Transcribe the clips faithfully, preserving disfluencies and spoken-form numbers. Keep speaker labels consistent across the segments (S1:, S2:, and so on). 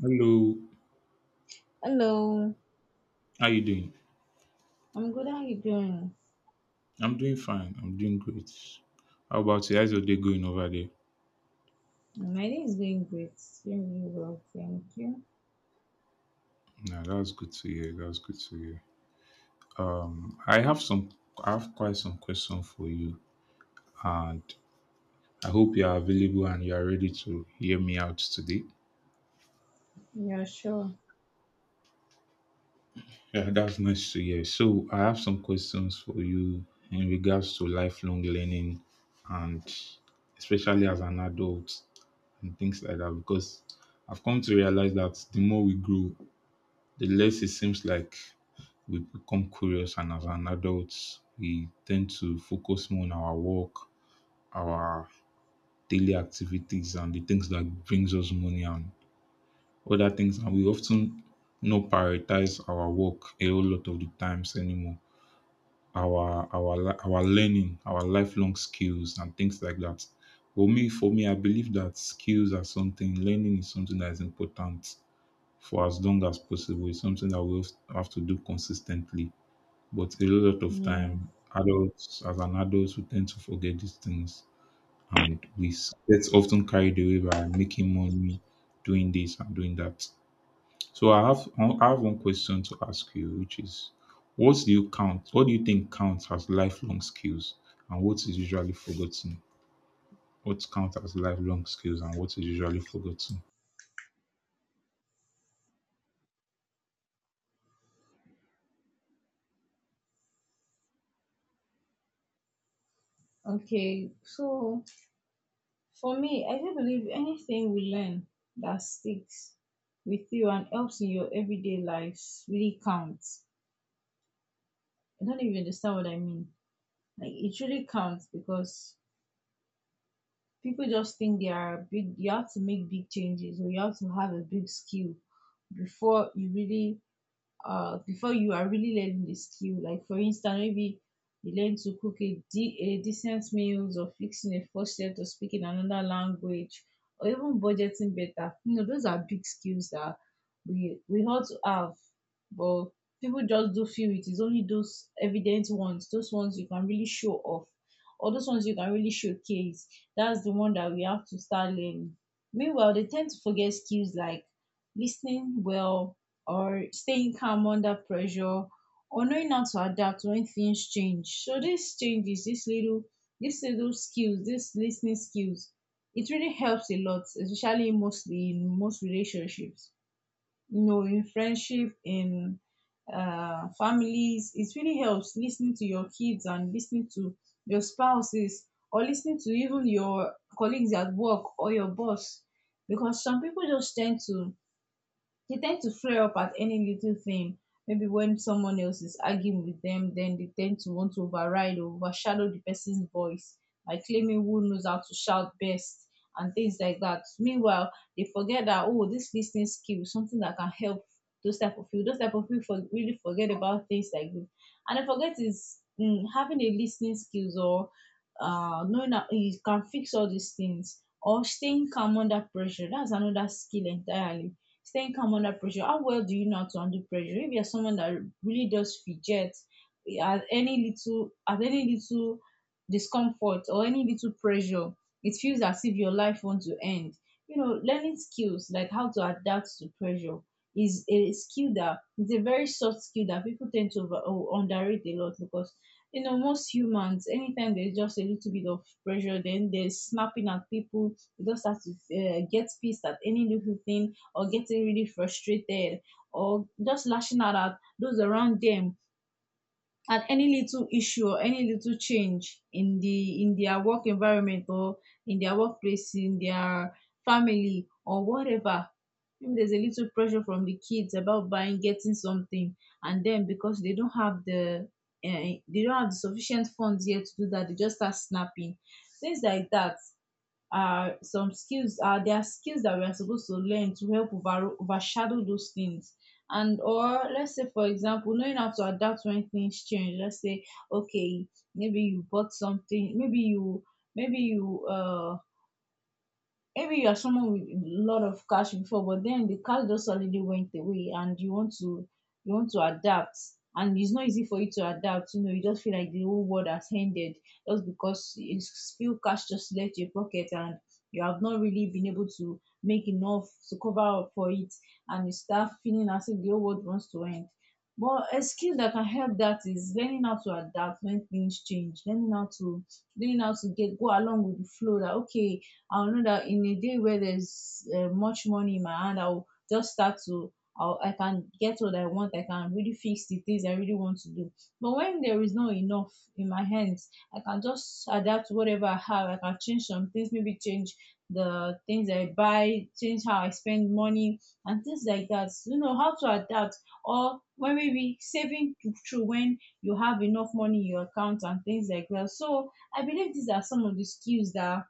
S1: Hello,
S2: Hello,
S1: how you doing?
S2: I'm good. How you doing?
S1: I'm doing fine. I'm doing great. How about you? How's your day going over there?
S2: My day is going great. It's going really well, thank you.
S1: Nah, that's good to hear. That's good to hear. Um, I have some, I have quite some question for you, and I hope you are available and you are ready to hear me out today.
S2: Yeah, sure.
S1: Yeah, that's nice to hear. So I have some questions for you in regards to lifelong learning, and especially as an adult and things like that, because I've come to realize that the more we grow, the less it seems like we become curious, and as an adult, we tend to focus more on our work, our daily activities, and the things that brings us money and other things. And we often not prioritize our work a whole lot of the times anymore. Our our li- our learning, our lifelong skills, and things like that. For me, for me, I believe that skills are something. Learning is something that is important for as long as possible. It's something that we have have to do consistently. But a lot of
S2: Yeah.
S1: time, adults, as an adult, we tend to forget these things and we s- get often carried away by making money, doing this and doing that. So I have I have one question to ask you, which is, what do you count? What do you think counts as lifelong skills, and what is usually forgotten? What counts as lifelong skills, and what is usually forgotten?
S2: Okay. So for me, I do believe anything we learn that sticks with you and helps in your everyday lives really counts. I don't even understand what I mean. Like it really counts because people just think they are big. You have to make big changes or you have to have a big skill before you really uh, before you are really learning the skill. Like for instance, maybe you learn to cook a, de- a decent meals or fixing a faucet or speaking another language or even budgeting better. You know, those are big skills that we we ought to have, but people just do feel it is only those evident ones, those ones you can really show off. Or those ones you can really showcase. That's the one that we have to start learning. Meanwhile, they tend to forget skills like listening well, or staying calm under pressure or knowing how to adapt when things change. So these changes, these little these little skills, these listening skills, it really helps a lot, especially mostly in most relationships. You know, in friendship, in uh, families, it really helps listening to your kids and listening to your spouses or listening to even your colleagues at work or your boss because some people just tend to they tend to flare up at any little thing. Maybe when someone else is arguing with them, then they tend to want to override or overshadow the person's voice by claiming who knows how to shout best and things like that. Meanwhile, they forget that oh, this listening skill is something that can help those type of people. Those type of people for, really forget about things like this, and I forget is mm, having a listening skills or uh, knowing that you can fix all these things or staying calm under pressure. That's another skill entirely. Staying calm under pressure. How well do you know how to handle pressure? If you're someone that really does fidget at any little at any little discomfort or any little pressure, it feels as if your life wants to end. You know, learning skills like how to adapt to pressure is a skill that it's a very soft skill that people tend to over, oh, underrate a lot because you know most humans anytime there's just a little bit of pressure then they're snapping at people they just have to uh, get pissed at any little thing or getting really frustrated or just lashing out at those around them at any little issue or any little change in the in their work environment or in their workplace in their family or whatever. Maybe there's a little pressure from the kids about buying getting something and then because they don't have the uh, they don't have the sufficient funds yet to do that they just start snapping things like that are some skills uh, there are skills that we are supposed to learn to help over, overshadow those things. And or let's say for example knowing how to adapt when things change, let's say okay, maybe you bought something, maybe you maybe you uh maybe you are someone with a lot of cash before, but then the cash just suddenly went away, and you want to you want to adapt, and it's not easy for you to adapt. You know, you just feel like the whole world has ended just because it's few cash just left your pocket, and you have not really been able to make enough to cover up for it, and you start feeling as if the whole world wants to end. But a skill that can help that is learning how to adapt when things change, learning how to learning how to get go along with the flow that okay, I'll know that in a day where there's uh, much money in my hand, I'll just start to. I'll, I can get what I want. I can really fix the things I really want to do. But when there is not enough in my hands, I can just adapt to whatever I have. I can change some things, maybe change the things I buy, change how I spend money, and things like that. So, you know how to adapt, or when maybe saving thr- through when you have enough money in your account and things like that. So I believe these are some of the skills that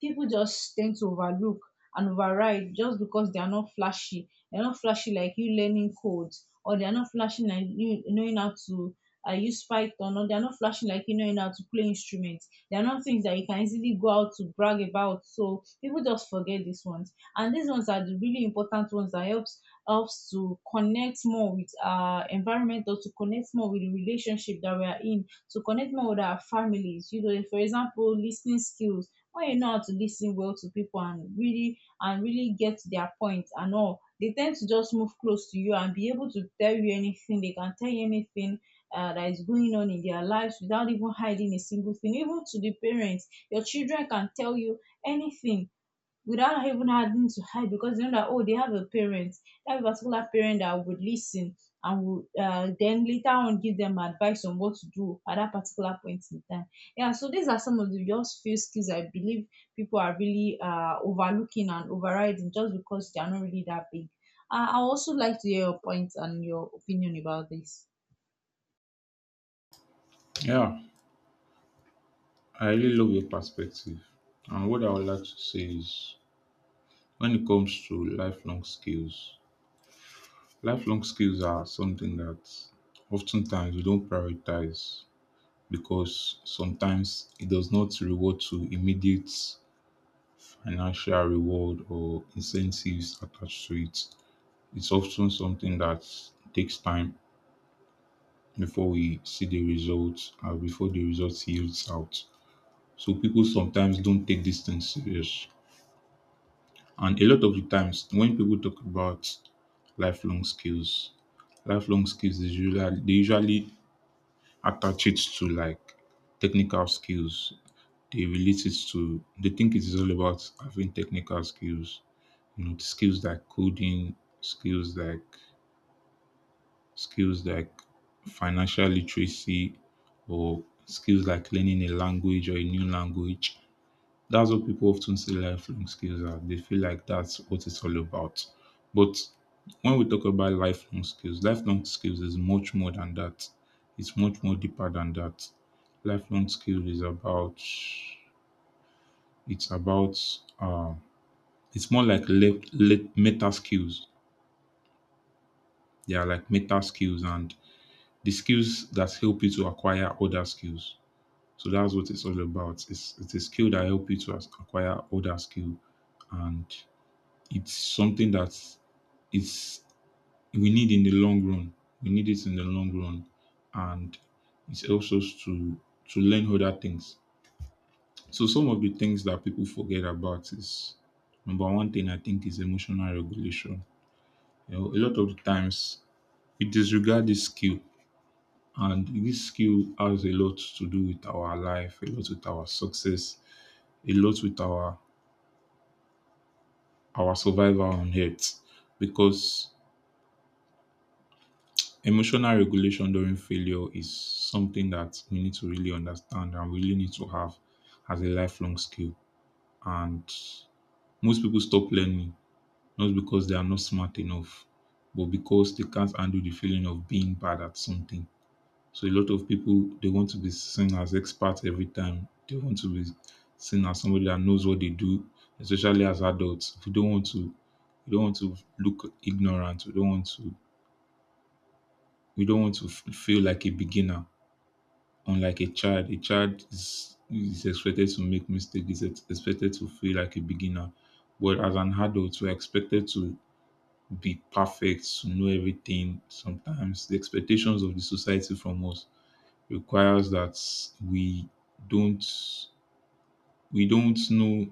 S2: people just tend to overlook and override just because they are not flashy. They're not flashy like you learning codes, or they're not flashy like you knowing how to uh, use Python, or they're not flashy like you knowing how to play instruments. They're not things that you can easily go out to brag about. So people just forget these ones, and these ones are the really important ones that helps helps to connect more with our environment or to connect more with the relationship that we are in to connect more with our families, you know, for example listening skills, when you know how to listen well to people and really and really get their point points and all, they tend to just move close to you and be able to tell you anything, they can tell you anything uh, that is going on in their lives without even hiding a single thing, even to the parents, your children can tell you anything without even having to hide because they know that oh they have a parent, that particular parent that would listen and would uh, then later on give them advice on what to do at that particular point in time. Yeah, so these are some of the just few skills, I believe people are really uh, overlooking and overriding just because they are not really that big. uh, I also like to hear your points and your opinion about this.
S1: Yeah, I really love your perspective. And what I would like to say is, when it comes to lifelong skills, lifelong skills are something that oftentimes we don't prioritize because sometimes it does not reward to immediate financial reward or incentives attached to it. It's often something that takes time before we see the results or before the results yields out. So people sometimes don't take these things serious. And a lot of the times when people talk about lifelong skills, lifelong skills is usually they usually attach it to like technical skills. They relate it to, they think it is all about having technical skills, you know, skills like coding, skills like, skills like financial literacy, or skills like learning a language or a new language. That's what people often say lifelong skills are. They feel like that's what it's all about. But when we talk about lifelong skills, lifelong skills is much more than that. It's much more deeper than that. Lifelong skill is about, it's about, uh, it's more like le- le- meta skills. They are like meta skills and the skills that help you to acquire other skills. So that's what it's all about. It's, it's a skill that help you to as- acquire other skill, and it's something that it's we need in the long run. We need it in the long run, and it helps us to to learn other things. So some of the things that people forget about is, number one thing I think is emotional regulation. You know, a lot of the times we disregard this skill, and this skill has a lot to do with our life, a lot with our success, a lot with our our survival on earth, because emotional regulation during failure is something that we need to really understand and we really need to have as a lifelong skill. And most people stop learning not because they are not smart enough, but because they can't handle the feeling of being bad at something. So a lot of people, they want to be seen as experts every time. They want to be seen as somebody that knows what they do, especially as adults. We don't want to, we don't want to look ignorant. We don't want to, we don't want to f- feel like a beginner. Unlike a child, a child is, is expected to make mistakes, is ex- expected to feel like a beginner. But as an adult, we're expected to be perfect, to know everything. Sometimes the expectations of the society from us requires that we don't we don't know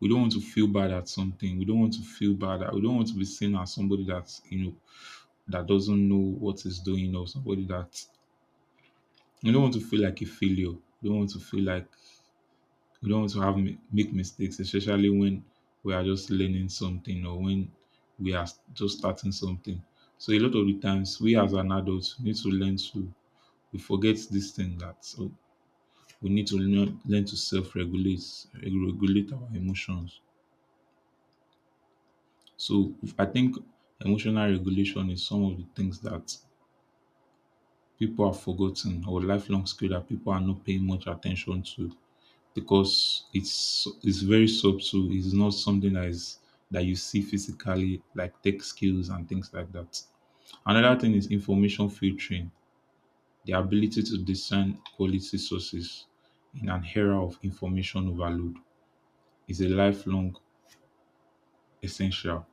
S1: we don't want to feel bad at something. We don't want to feel bad. We don't want to be seen as somebody that, you know, that doesn't know what is doing or somebody that, we don't want to feel like a failure. We don't want to feel like We don't want to have mi- make mistakes, especially when we are just learning something or when we are just starting something. So a lot of the times, we as an adult need to learn to we forget this thing that so we need to learn, learn to self-regulate, regulate our emotions. So if- I think emotional regulation is some of the things that people have forgotten or lifelong skill that people are not paying much attention to because it's it's very subtle. It's not something that is that you see physically, like tech skills and things like that. Another thing is information filtering, the ability to discern quality sources in an era of information overload is a lifelong essential.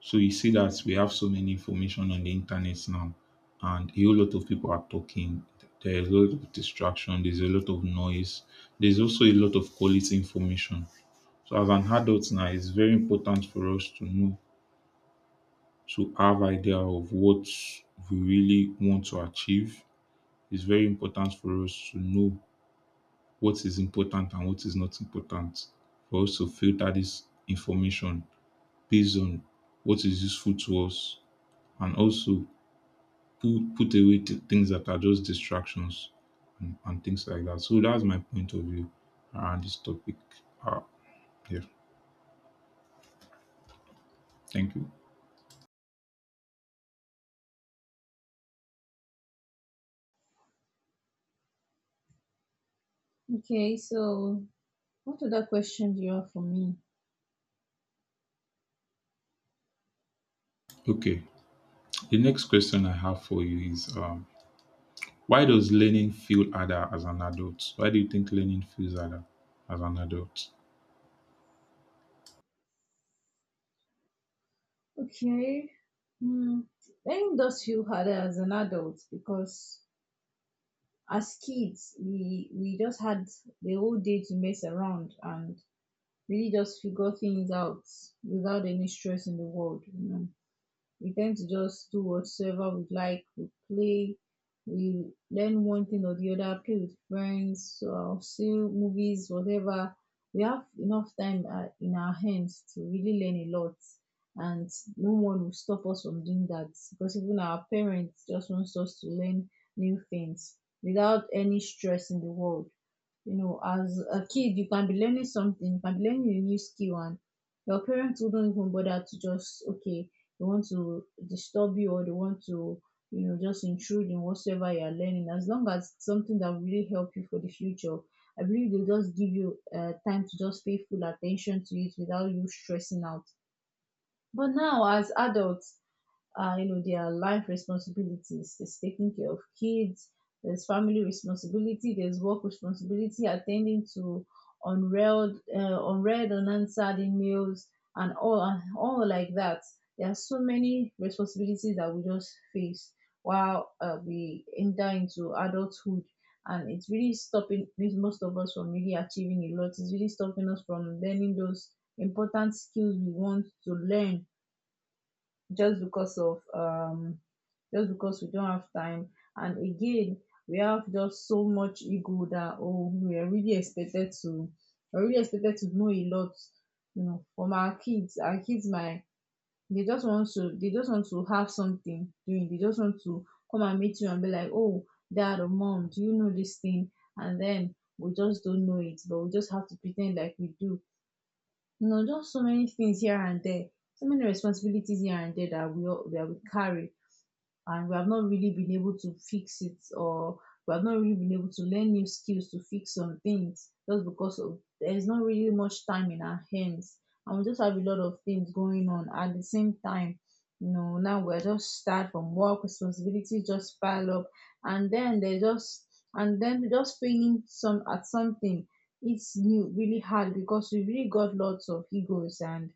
S1: So you see that we have so many information on the internet now, and a whole lot of people are talking. There's a lot of distraction. There's a lot of noise. There's also a lot of quality information. So as an adult now, it's very important for us to know, to have idea of what we really want to achieve. It's very important for us to know what is important and what is not important. For us to filter this information based on what is useful to us, and also put, put away th- things that are just distractions and, and things like that. So that's my point of view around this topic. Uh, yeah, thank you.
S2: Okay, so what other question do you have for me?
S1: Okay. The next question I have for you is, um, why does learning feel harder as an adult? Why do you think learning feels harder as an adult?
S2: Okay. Mm. Thank those few had uh, as an adult because as kids we we just had the whole day to mess around and really just figure things out without any stress in the world, you know we tend to just do whatsoever we like. We play, we learn one thing or the other, play with friends, uh, see movies, whatever. We have enough time uh, in our hands to really learn a lot, and no one will stop us from doing that because even our parents just wants us to learn new things without any stress in the world. You know, as a kid, you can be learning something, you can be learning a new skill, and your parents wouldn't even bother to just, okay, they want to disturb you or they want to, you know, just intrude in whatsoever you are learning as long as it's something that will really help you for the future. I believe they'll just give you uh, time to just pay full attention to it without you stressing out. But now as adults, uh, you know, their life responsibilities. There's taking care of kids, there's family responsibility, there's work responsibility, attending to unread, uh, unread, unanswered emails, and all, and all like that. There are so many responsibilities that we just face while uh, we enter into adulthood. And it's really stopping with most of us from really achieving a lot. It's really stopping us from learning those important skills we want to learn just because of um just because we don't have time. And again, we have just so much ego that, oh, we are really expected to, we're really expected to know a lot, you know. From our kids, our kids might, they just want to they just want to have something doing, they just want to come and meet you and be like, oh, dad or mom, do you know this thing? And then we just don't know it, but we just have to pretend like we do. You know, just so many things here and there, so many responsibilities here and there that we all that we carry, and we have not really been able to fix it, or we have not really been able to learn new skills to fix some things, just because of there's not really much time in our hands. And we just have a lot of things going on at the same time, you know. Now we're just tired from work, responsibilities just pile up, and then they just and then just failing some at something. It's new really hard because we really got lots of egos, and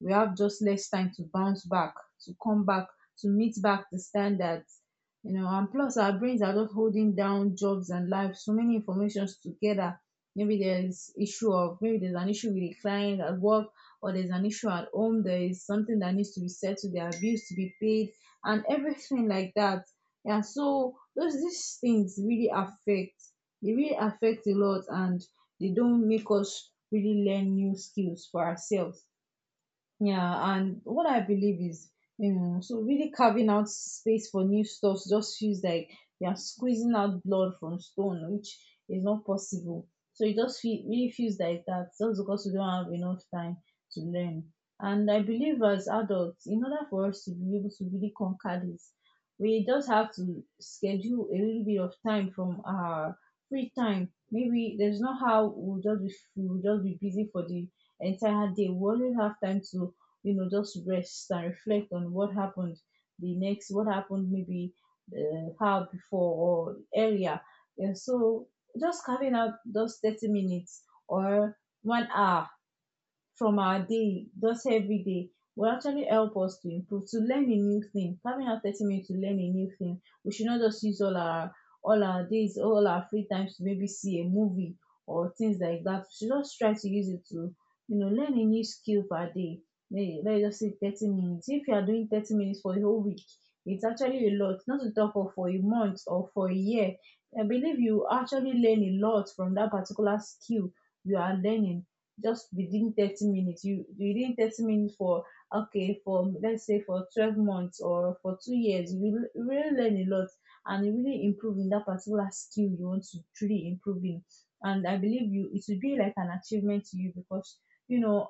S2: we have just less time to bounce back, to come back, to meet back the standards, you know. And plus our brains are not holding down jobs and life, so many informations together. Maybe there's issue of, maybe there's an issue with a client at work, or there's an issue at home, there is something that needs to be settled, there are bills to be paid, and everything like that. Yeah, so those these things really affect, they really affect a lot, and they don't make us really learn new skills for ourselves. Yeah, and what I believe is, you know, so really carving out space for new stuff just feels like you are squeezing out blood from stone, which is not possible. So it just feel, really feels like that, just because we don't have enough time to learn. And I believe, as adults, in order for us to be able to really conquer this, we just have to schedule a little bit of time from our free time. Maybe there's not how we'll just be, we'll just be busy for the entire day. We always have time to, you know, just rest and reflect on what happened the next, what happened maybe uh, how before or earlier. And so just carving out those thirty minutes or one hour from our day, just every day, will actually help us to improve, to learn a new thing. Having our thirty minutes to learn a new thing, we should not just use all our all our days, all our free times to maybe see a movie or things like that. We should just try to use it to, you know, learn a new skill per day. May let's just say thirty minutes. If you are doing thirty minutes for a whole week, it's actually a lot, not to talk of for a month or for a year. I believe you actually learn a lot from that particular skill you are learning. Just within thirty minutes, you within thirty minutes for, okay, for let's say for twelve months or for two years, you will really learn a lot, and you really improve in that particular skill you want to truly improve in. And I believe you it will be like an achievement to you, because, you know,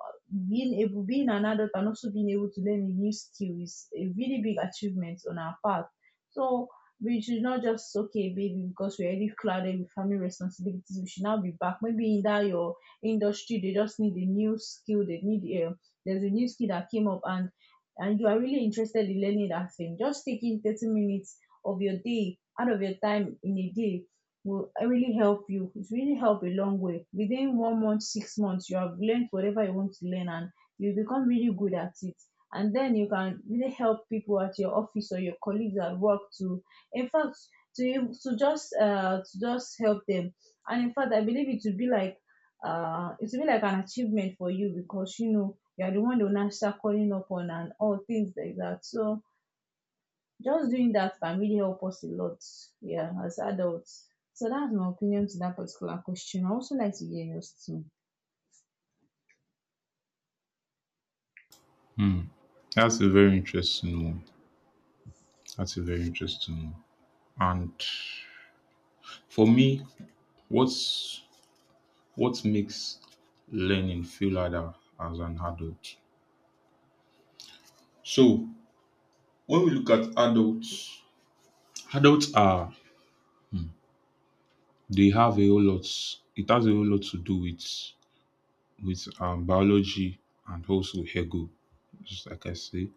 S2: being able, being an adult and also being able to learn a new skill is a really big achievement on our part. So we should not just, okay, baby because we're already clouded with family responsibilities, we should now be back. Maybe in that your industry they just need a new skill, they need um there's a new skill that came up, and and you are really interested in learning that thing. Just taking thirty minutes of your day out of your time in a day will really help you. It really help a long way. Within one month, six months, you have learned whatever you want to learn, and you become really good at it. And then you can really help people at your office or your colleagues at work to, in fact, to to just uh to just help them. And in fact I believe it would be like, uh, it will be like an achievement for you, because, you know, you are the one they will now start calling up on and all things like that. So just doing that can really help us a lot, yeah, as adults. So that's my opinion to that particular question. I also like to hear yours too.
S1: That's a very interesting one. That's a very interesting one. And for me, what's what makes learning feel harder as an adult? So when we look at adults, adults are they have a whole lot. It has a whole lot to do with with um, biology and also ego, just like I say.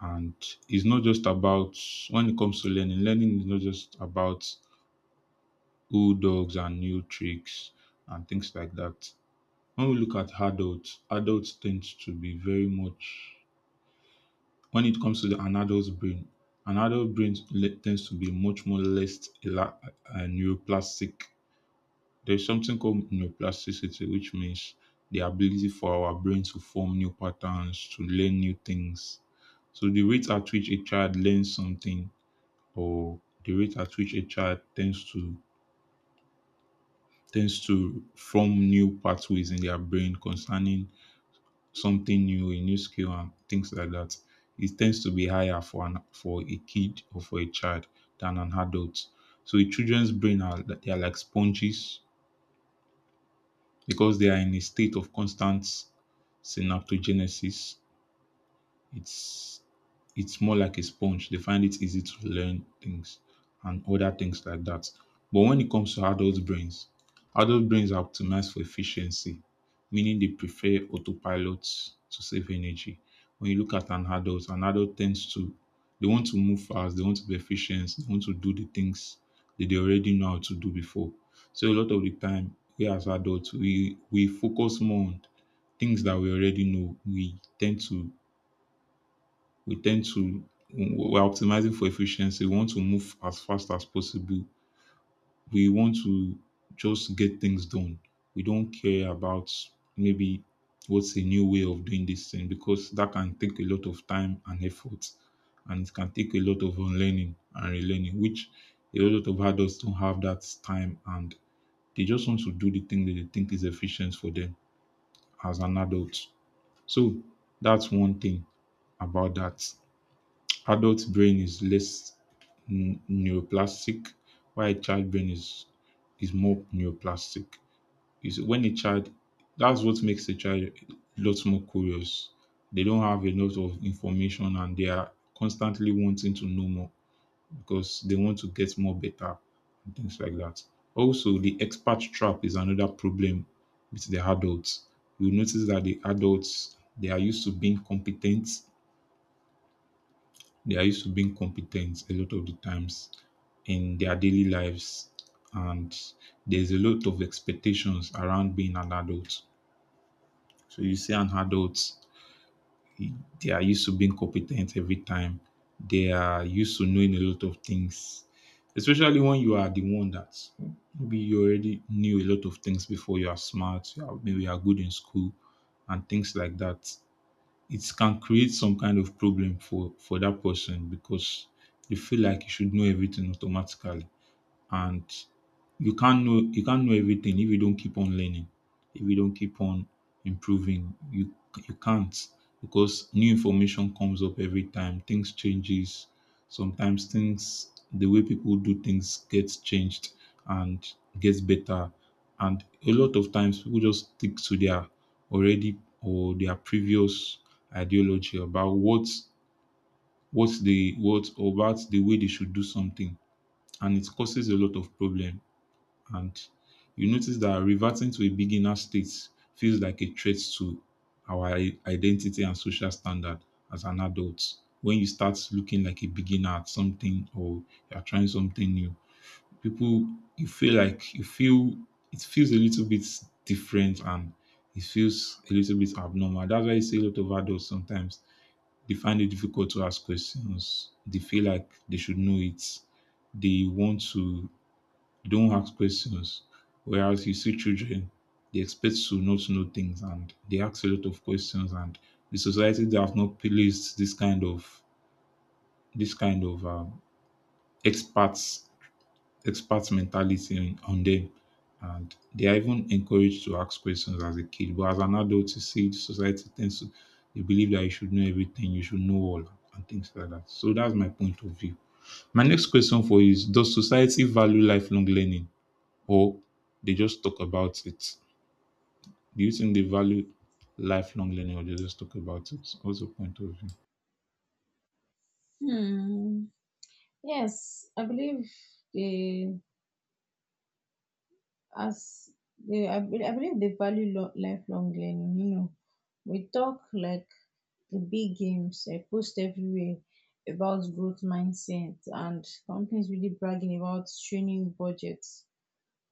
S1: And it's not just about, when it comes to learning, learning is not just about old dogs and new tricks and things like that. When we look at adults, adults tend to be very much when it comes to the, an adult's brain, an adult brain le- tends to be much more less ela- uh, neuroplastic. There's something called neuroplasticity, which means the ability for our brain to form new patterns, to learn new things. So the rate at which a child learns something, or the rate at which a child tends to tends to form new pathways in their brain concerning something new, a new skill, and things like that. It tends to be higher for an for a kid or for a child than an adult. So the children's brain, are they are like sponges because they are in a state of constant synaptogenesis. It's it's more like a sponge. They find it easy to learn things and other things like that. But when it comes to adult brains, adult brains are optimized for efficiency, meaning they prefer autopilot to save energy. When you look at an adult, an adult tends to they want to move fast, they want to be efficient, they want to do the things that they already know how to do before. So a lot of the time, we as adults, we we focus more on things that we already know. We tend to we tend to We're optimizing for efficiency. We want to move as fast as possible. We want to just get things done. We don't care about, maybe, what's a new way of doing this thing, because that can take a lot of time and effort, and it can take a lot of unlearning and relearning, which a lot of adults don't have that time, and they just want to do the thing that they think is efficient for them as an adult. So that's one thing about that. Adult brain is less n- neuroplastic, while child brain is is more neuroplastic. Is when a child That's what makes a child a lot more curious. They don't have a lot of information and they are constantly wanting to know more because they want to get more better and things like that. Also, the expert trap is another problem with the adults. You notice that the adults, they are used to being competent they are used to being competent a lot of the times in their daily lives, and there's a lot of expectations around being an adult. So you see an adult, they are used to being competent every time. They are used to knowing a lot of things, especially when you are the one that maybe you already knew a lot of things before. You are smart, you are, maybe you are good in school and things like that. It can create some kind of problem for for that person because they feel like you should know everything automatically, and you can't know, you can't know everything if you don't keep on learning, if you don't keep on improving you you can't, because new information comes up every time. Things changes sometimes, things, the way people do things gets changed and gets better. And a lot of times people just stick to their already or their previous ideology about what what they what or about the way they should do something, and it causes a lot of problem. And you notice that reverting to a beginner state feels like a threat to our i- identity and social standard as an adult. When you start looking like a beginner at something, or you are trying something new, people, you feel like, you feel it feels a little bit different, and it feels a little bit abnormal. That's why you see a lot of adults sometimes they find it difficult to ask questions. They feel like they should know it. They want to don't ask questions. Whereas you see children, they expect to not to know things and they ask a lot of questions. And the society that have not placed this kind of this kind of um, experts, experts mentality in- on them, and they are even encouraged to ask questions as a kid. But as an adult, you see, the society tends to, they believe that you should know everything, you should know all, and things like that. So that's my point of view. My next question for you is: does society value lifelong learning? Or they just talk about it? Do you think they value lifelong learning or they just talk about it? What's your point of view?
S2: Hmm. Yes, I believe the as they I, be- I believe they value lo- lifelong learning. You know, we talk like the big games, I post everywhere about growth mindset, and companies really bragging about training budgets,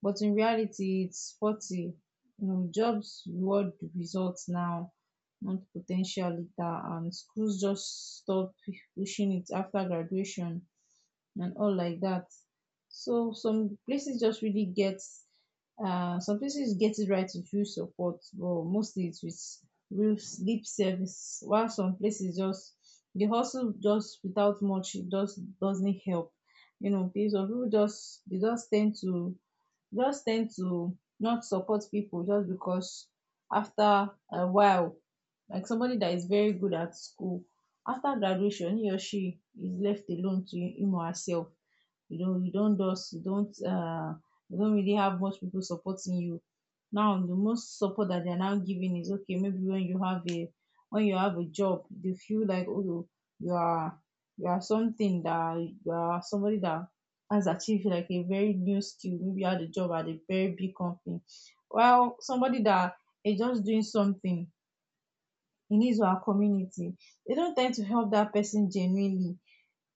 S2: but in reality it's forty. You know, jobs reward results now, not potential later, and schools just stop pushing it after graduation and all like that. So some places just really get uh some places get it right with real support, but mostly it's with real s- lip service. While some places just the hustle, just without much, it just doesn't help. You know, people some people just they just tend to just tend to not support people just because, after a while, like somebody that is very good at school, after graduation he or she is left alone to him or herself. You know, you don't just you don't uh you don't really have much people supporting you. Now the most support that they're now giving is, okay, maybe when you have a when you have a job, they feel like, oh, you are you are something that, you are somebody that has achieved like a very new skill, maybe had a job at a very big company. While somebody that is just doing something in his or her community, they don't tend to help that person genuinely,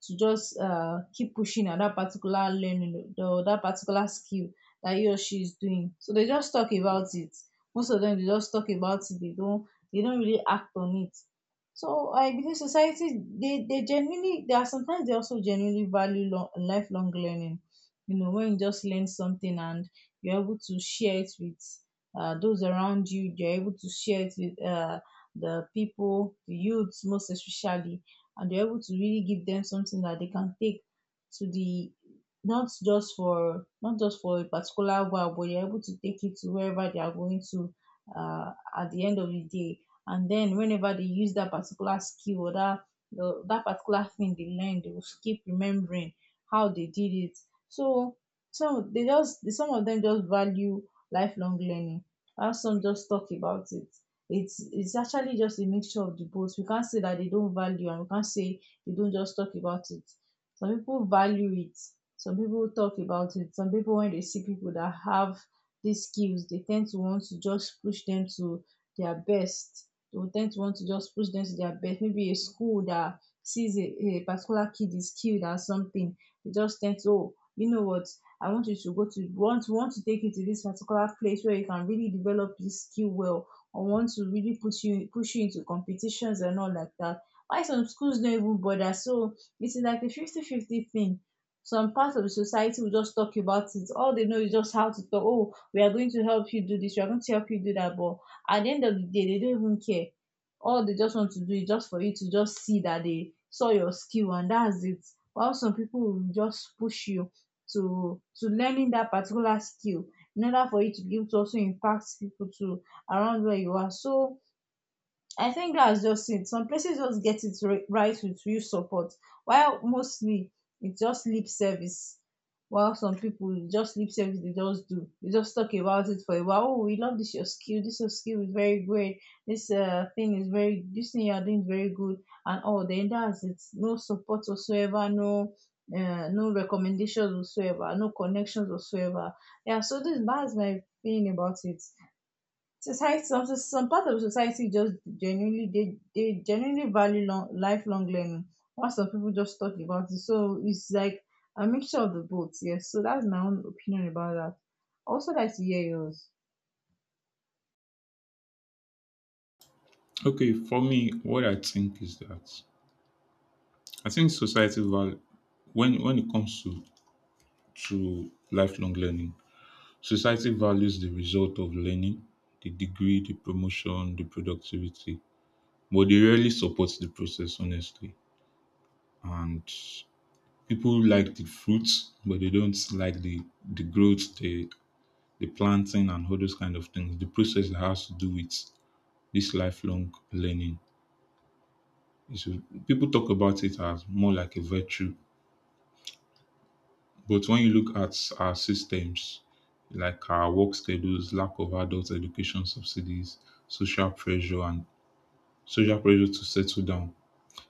S2: to just uh, keep pushing at that particular learning or that particular skill that he or she is doing. So they just talk about it. Most of them they just talk about it. They don't they don't really act on it. So I believe society, they they genuinely, there are sometimes they also genuinely value long, lifelong learning. You know, when you just learn something, and you're able to share it with uh, those around you. You're able to share it with, uh, the people, the youths most especially, and you're able to really give them something that they can take to the, not just for, not just for a particular while, but you're able to take it to wherever they are going to, uh, at the end of the day. And then whenever they use that particular skill or that the, that particular thing they learned, they will keep remembering how they did it. So some, they just some of them just value lifelong learning. While some just talk about it. it's it's actually just a mixture of the both. We can't say that they don't value, and we can't say they don't just talk about it. Some people value it. Some people talk about it. Some people, when they see people that have these skills, they tend to want to just push them to their best. They will tend to want to just push them to their best. Maybe a school that sees a, a particular kid is skilled at something, they just tend to, oh, you know what, I want you to go to, want want to take you to this particular place where you can really develop this skill well, or want to really put you push you into competitions and all like that, why some schools don't even bother. So it's like a fifty-fifty thing. Some parts of the society will just talk about it. All they know is just how to talk. Oh, we are going to help you do this, we are going to help you do that, but at the end of the day they don't even care. All they just want to do is just for you to just see that they saw your skill, and that's it. While some people will just push you to to learning that particular skill, in order for you to be able to also impact people to, around where you are. So I think that's just it. Some places just get it ri- right with real support, while mostly it's just lip service. While some people just lip service, they just do. They just talk about it for a while. Oh, we love this your skill. This your skill is very great. This uh, thing is very. This thing you are doing is very good. And all then that's it. No support whatsoever. No, uh, no recommendations whatsoever. No connections whatsoever. Yeah. So this that's my feeling about it. Society, some some part of society just genuinely, they they genuinely value long, lifelong learning, while some people just talk about it. So it's like a mixture of the both. Yes, so that's my own opinion about that. I also like to hear yours.
S1: Okay, for me, what I think is that I think society val, when when it comes to to lifelong learning, society values the result of learning, the degree, the promotion, the productivity, but they rarely support the process honestly. And people like the fruits, but they don't like the the growth, the the planting and all those kind of things, the process that has to do with this lifelong learning. It's, people talk about it as more like a virtue, but when you look at our systems, like our work schedules, lack of adult education subsidies, social pressure, and social pressure to settle down,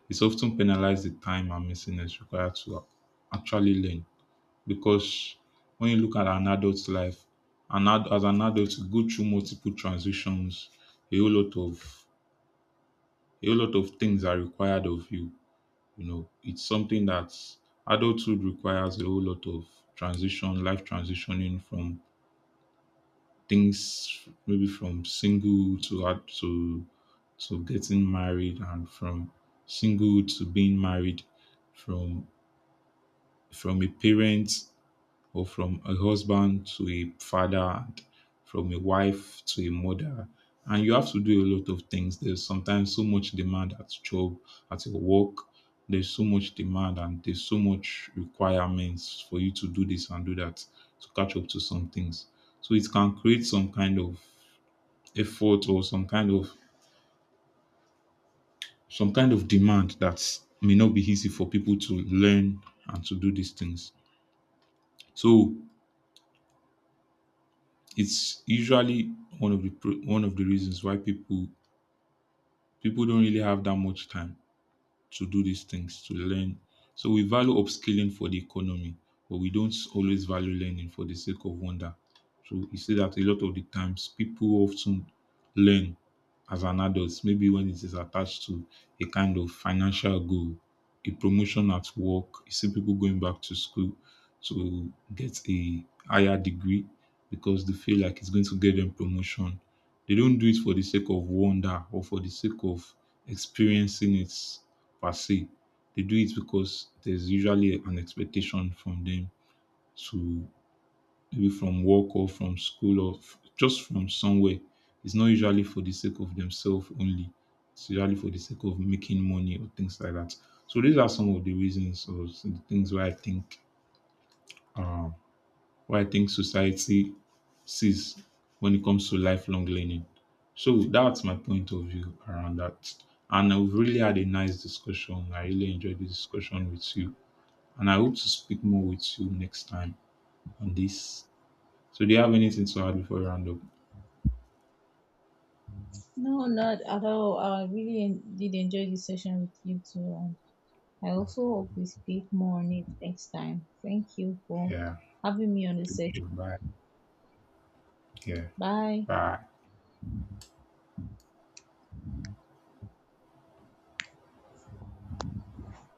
S1: it's often penalized the time and messiness required to actually learn. Because when you look at an adult's life, an ad, as an adult, you go through multiple transitions, a whole lot of, a lot of things are required of you. You know, it's something that adulthood requires a whole lot of transition, life transitioning from things maybe from single to ad-, to to getting married, and from single to being married, from from a parent or from a husband to a father, and from a wife to a mother. And you have to do a lot of things. There's sometimes so much demand at job, at your work. There's so much demand, and there's so much requirements for you to do this and do that, to catch up to some things. So it can create some kind of effort or some kind of, some kind of demand that may not be easy for people to learn and to do these things. So it's usually one of the pro-, one of the reasons why people people don't really have that much time to do these things, to learn. So we value upskilling for the economy, but we don't always value learning for the sake of wonder. So you see that a lot of the times people often learn as an adult, maybe when it is attached to a kind of financial goal, a promotion at work. You see people going back to school to get a higher degree because they feel like it's going to get them promotion. They don't do it for the sake of wonder or for the sake of experiencing it per se. They do it because there's usually an expectation from them to, maybe from work or from school, or f-, just from somewhere. It's not usually for the sake of themselves only. It's usually for the sake of making money or things like that. So these are some of the reasons or some the things why I think uh, why I think society sees when it comes to lifelong learning. So that's my point of view around that. And I've really had a nice discussion. I really enjoyed the discussion with you. And I hope to speak more with you next time on this. So, do you have anything to add before we round up?
S2: No, not at all. I really en- did enjoy this session with you too, and I also hope we speak more on it next time. Thank you for
S1: Yeah.
S2: having me on the
S1: Thank you.
S2: session.
S1: Bye. Yeah.
S2: Bye.
S1: Bye.